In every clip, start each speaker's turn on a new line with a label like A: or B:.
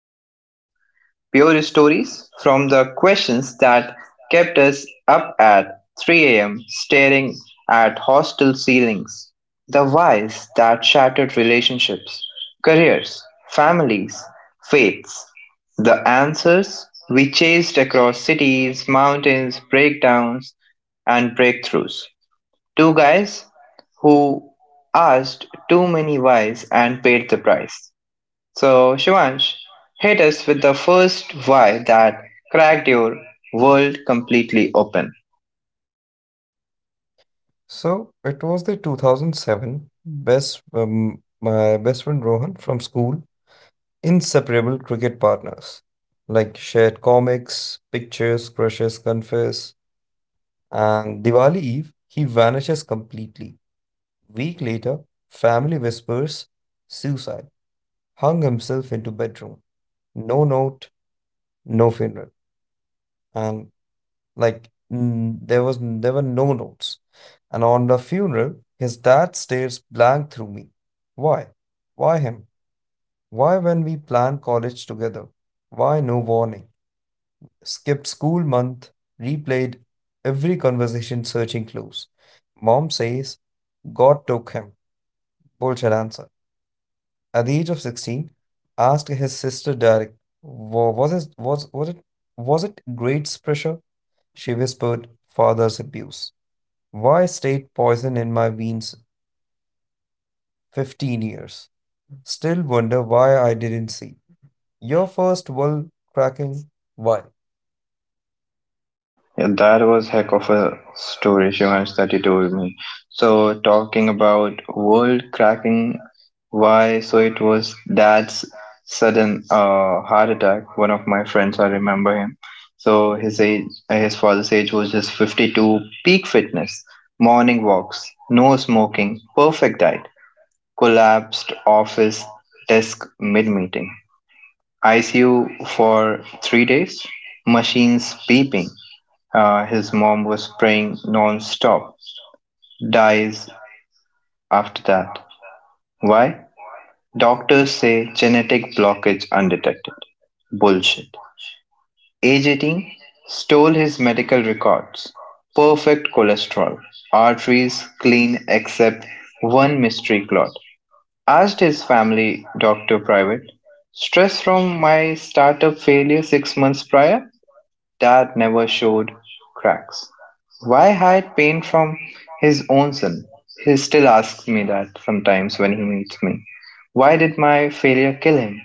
A: textbooks. Pure stories from the questions that kept us up at 3 a.m. staring at hostel ceilings. The whys that shattered relationships, careers, families, faiths. The answers we chased across cities, mountains, breakdowns, and breakthroughs. Two guys who asked too many whys and paid the price. So, Shivansh, hit us with the first why that cracked your world completely open.
B: So it was the 2007 best my best friend Rohan from school, inseparable cricket partners, like shared comics, pictures, crushes, confess, and Diwali Eve he vanishes completely. Week later, family whispers suicide, hung himself into bedroom. No note, no funeral, and like, there were no notes. And on the funeral, his dad stares blank through me. Why? Why him? Why when we planned college together? Why no warning? Skipped school month, replayed every conversation searching clues. Mom says God took him. Bullshit answer. At the age of 16, asked his sister direct, "Was it grades pressure?" She whispered, father's abuse. Why stayed poison in my veins 15 years? Still wonder why I didn't see. Your first world cracking, why?
A: Yeah, that was heck of a story, Shivansh, that you told me. So talking about world cracking, why? So it was dad's sudden heart attack. One of my friends, I remember him. So his age, his father's age was just 52. Peak fitness, morning walks, no smoking, perfect diet. Collapsed office desk mid meeting. ICU for 3 days, machines beeping. His mom was praying non stop. Dies after that. Why? Doctors say genetic blockage undetected. Bullshit. Age 18, stole his medical records. Perfect cholesterol. Arteries clean except one mystery clot. Asked his family doctor private, stress from my startup failure 6 months prior? Dad never showed cracks. Why hide pain from his own son? He still asks me that sometimes when he meets me. Why did my failure kill him?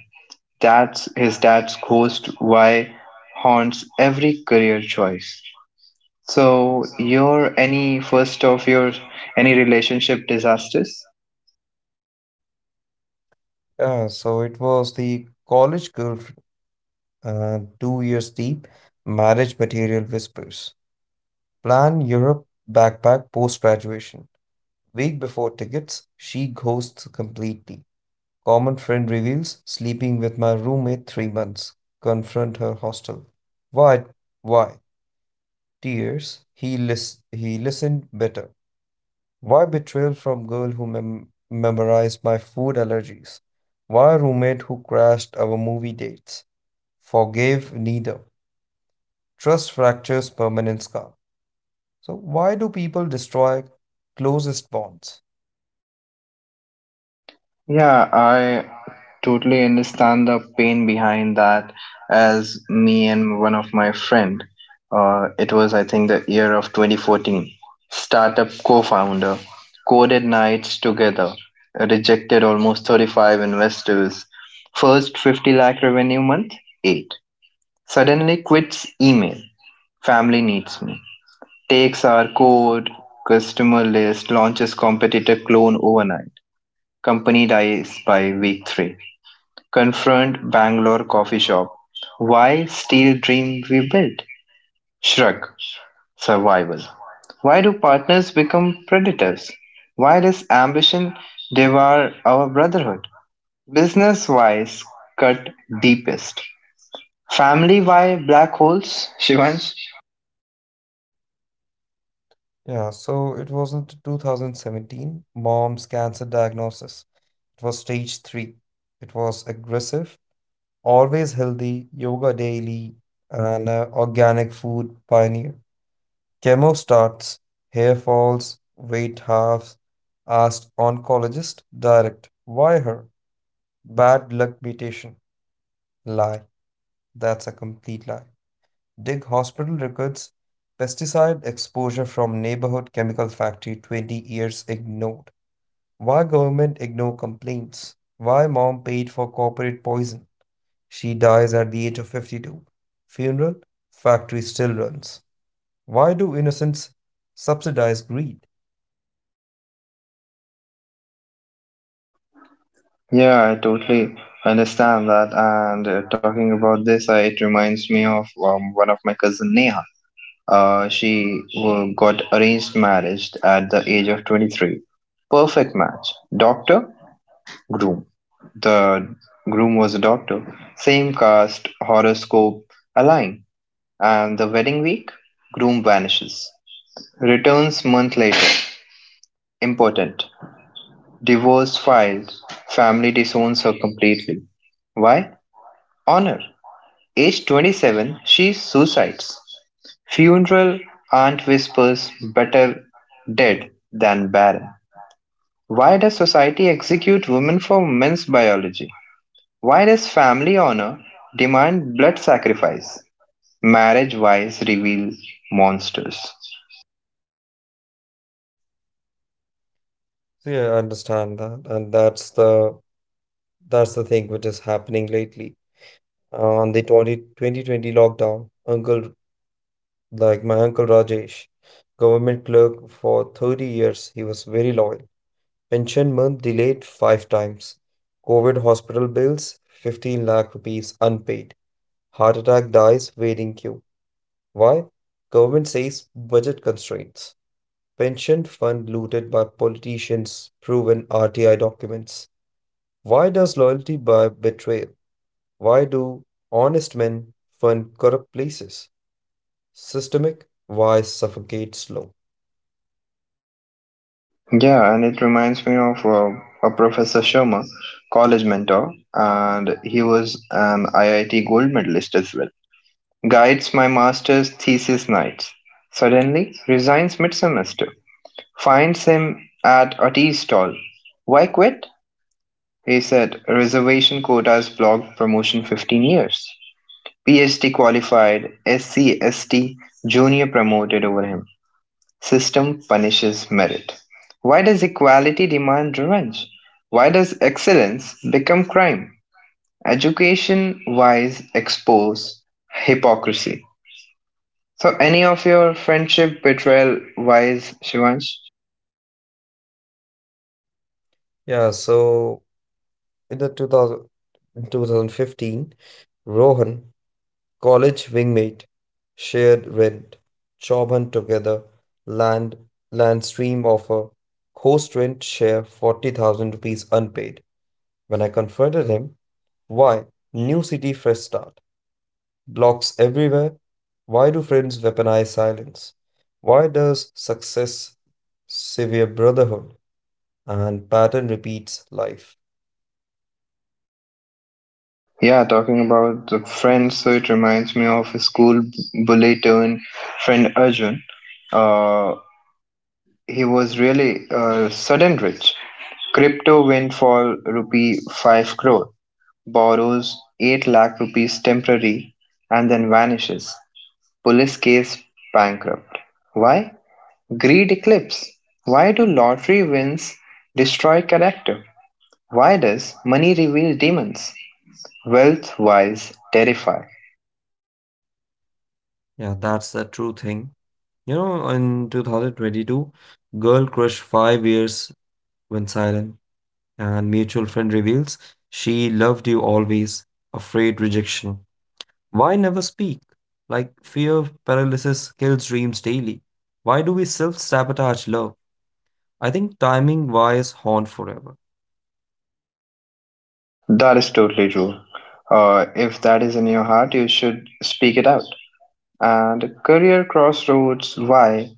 A: That's his dad's ghost why haunts every career choice. So your any first of your any relationship disasters?
B: So it was the college girl, 2 years deep, marriage material whispers. Plan Europe backpack post graduation. Week before tickets, she ghosts completely. Common friend reveals sleeping with my roommate 3 months. Confront her hostel. Why? Why? Tears, he listened better. Why betrayal from girl who memorized my food allergies? Why roommate who crashed our movie dates? Forgave neither. Trust fractures permanent scar. So why do people destroy closest bonds?
A: Yeah, I totally understand the pain behind that. As me and one of my friend, it was I think the year of 2014. Startup co-founder coded nights together, rejected almost 35 investors. First 50 lakh revenue month, eight. Suddenly quits email. Family needs me. Takes our code, customer list, launches competitor clone overnight. Company dies by week three. Confront Bangalore coffee shop. Why steal dream we built? Shrug. Survival. Why do partners become predators? Why does ambition devour our brotherhood? Business wise, cut deepest. Family why black holes, Shivansh?
B: Yeah, so it wasn't 2017 mom's cancer diagnosis. It was stage 3. It was aggressive, always healthy, yoga daily, and organic food pioneer. Chemo starts, hair falls, weight halves. Asked oncologist direct. Why her? Bad luck mutation. Lie. That's a complete lie. Dig hospital records. Pesticide exposure from neighborhood chemical factory 20 years ignored. Why government ignore complaints? Why mom paid for corporate poison? She dies at the age of 52. Funeral, factory still runs. Why do innocents subsidize greed?
A: Yeah, I totally understand that. And talking about this, it reminds me of one of my cousin Neha. Got arranged marriage at the age of 23. Perfect match. Doctor, groom. The groom was a doctor. Same caste, horoscope, align. And the wedding week, groom vanishes. Returns month later. Important. Divorce filed. Family disowns her completely. Why? Honor. Age 27, she suicides. Funeral aunt whispers, "Better dead than barren." Why does society execute women for men's biology? Why does family honor demand blood sacrifice? Marriage wise reveals monsters.
B: So yeah, I understand that, and that's the thing which is happening lately. On the 2020 20 lockdown, uncle like my uncle Rajesh, government clerk for 30 years, he was very loyal. Pension month delayed five times. COVID hospital bills, 15 lakh rupees unpaid. Heart attack dies waiting queue. Why? Government says budget constraints. Pension fund looted by politicians, proven RTI documents. Why does loyalty buy betrayal? Why do honest men fund corrupt places? Systemic, why suffocate slow?
A: Yeah, and it reminds me of a Professor Sharma, college mentor, and he was an IIT gold medalist as well. Guides my master's thesis nights. Suddenly resigns mid semester. Finds him at a tea stall. Why quit? He said, reservation quotas blocked promotion 15 years. PhD qualified, SCST junior promoted over him. System punishes merit. Why does equality demand revenge? Why does excellence become crime? Education wise expose hypocrisy. So, any of your friendship betrayal wise, Shivansh?
B: Yeah, so in the 2000, 2015, Rohan college wingmate, shared rent, job hunt together, land, land stream offer, host rent share 40,000 rupees unpaid. When I confronted him, why? New city, fresh start. Blocks everywhere. Why do friends weaponize silence? Why does success severe brotherhood and pattern repeats life?
A: Yeah, talking about the friends, so it reminds me of a school bully turned friend Arjun. Uh, he was really sudden rich. Crypto went for rupee 5 crore, borrows 8 lakh rupees temporary, and then vanishes. Police case bankrupt. Why? Greed eclipse. Why do lottery wins destroy character? Why does money reveal demons? Wealth wise terrify.
B: Yeah, that's a true thing. In 2022, girl crush 5 years went silent, and mutual friend reveals she loved you always, afraid rejection. Why never speak? Like fear of paralysis kills dreams daily. Why do we self sabotage love? I think timing wires haunt forever.
A: That is totally true. If that is in your heart, you should speak it out. And career crossroads, why?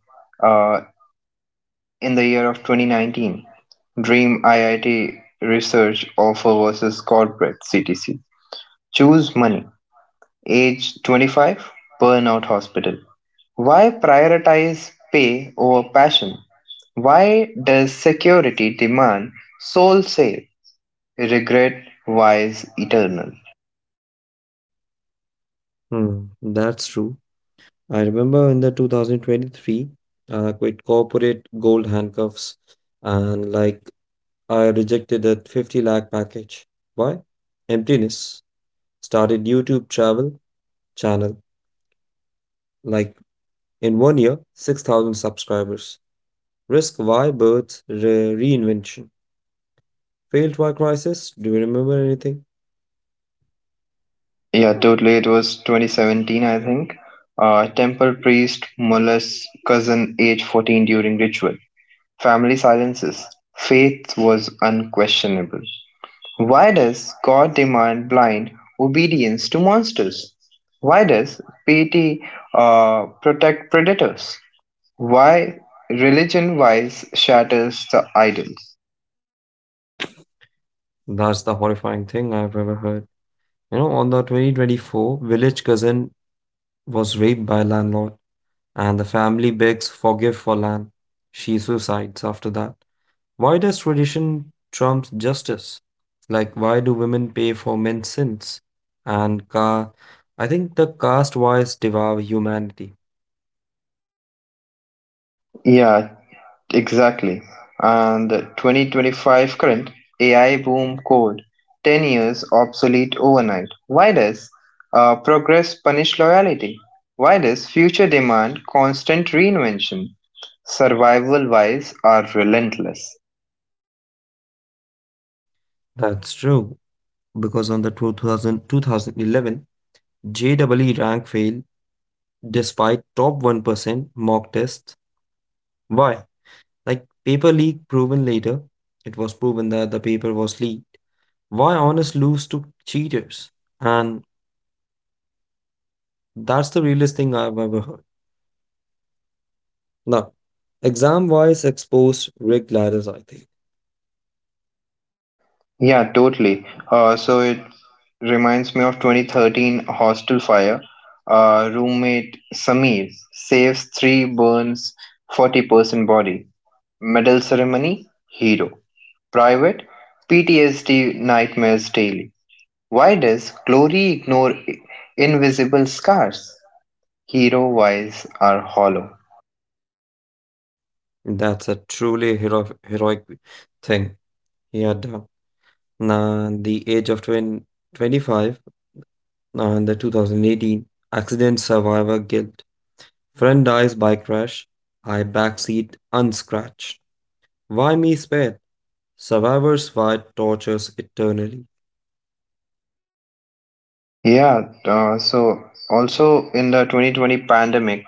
A: Uh, in the year of 2019, dream IIT research offer versus corporate CTC. Choose money. Age 25, burnout hospital. Why prioritize pay over passion? Why does security demand soul save? Regret, wise, eternal.
B: Hmm, that's true. I remember in the 2023, quit corporate gold handcuffs and like I rejected that 50 lakh package. Why? Emptiness. Started YouTube travel channel. Like in one year, 6,000 subscribers. Risk why birth reinvention. Failed why crisis. Do you remember anything?
A: Yeah, totally. It was 2017, I think. Temple priest molests cousin age 14 during ritual. Family silences. Faith was unquestionable. Why does God demand blind obedience to monsters? Why does piety protect predators? Why religion wise shatters the idols?
B: That's the horrifying thing I've ever heard. On the 2024, village cousin was raped by landlord and the family begs forgive for land. She suicides after that. Why does tradition trump justice? Like, why do women pay for men's sins? And I think the caste wise devour humanity.
A: Yeah, exactly. And the 2025 current AI boom code 10 years obsolete overnight. Why does progress punish loyalty? Why does future demand constant reinvention? Survival wise are relentless.
B: That's true, because on the two thousand two thousand eleven 2011 JEE rank failed despite top 1% mock tests. Why? Like, paper leak proven later. It was proven that the paper was leaked. Why honors lose to cheaters? And that's the realest thing I've ever heard. Now, exam wise exposed Rick Gladys, I think.
A: Yeah, totally. So it reminds me of 2013 hostel fire. Roommate Samir saves three, burns 40% body. Medal ceremony, hero. Private PTSD nightmares daily. Why does glory ignore invisible scars? Hero eyes are hollow.
B: That's a truly heroic thing. He had na the age of twenty twenty-five. 25 and the 2018 accident survivor guilt. Friend dies by crash. I backseat unscratched. Why me spared? Survivors fight tortures eternally.
A: Yeah, so also in the 2020 pandemic,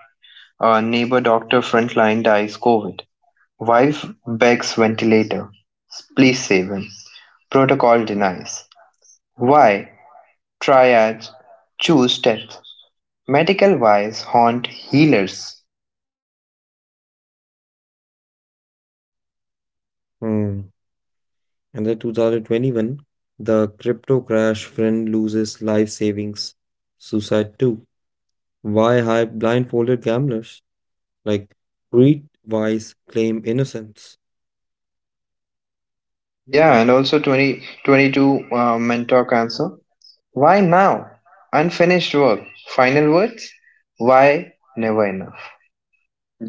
A: neighbor doctor frontline dies COVID. Wife begs ventilator. Please save him. Protocol denies. Why? Triads choose death. Medical wise haunt healers.
B: Hmm. And then 2021, the crypto crash friend loses life savings. Suicide 2. Why hype blindfolded gamblers? Like, read wise, claim innocence.
A: Yeah, and also 2022 mentor cancer. Why now? Unfinished work. Final words? Why never enough?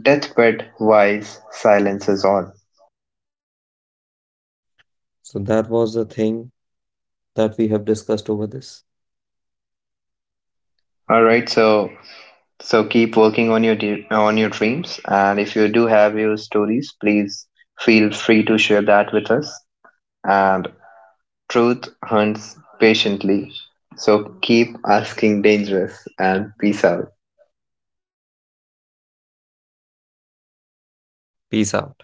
A: Deathbed wise silence is all.
B: So, that was the thing that we have discussed over this.
A: All right, so keep working on your on your dreams, and if you do have your stories, please feel free to share that with us. And truth hunts patiently, so keep asking dangerous and peace out.
B: Peace out.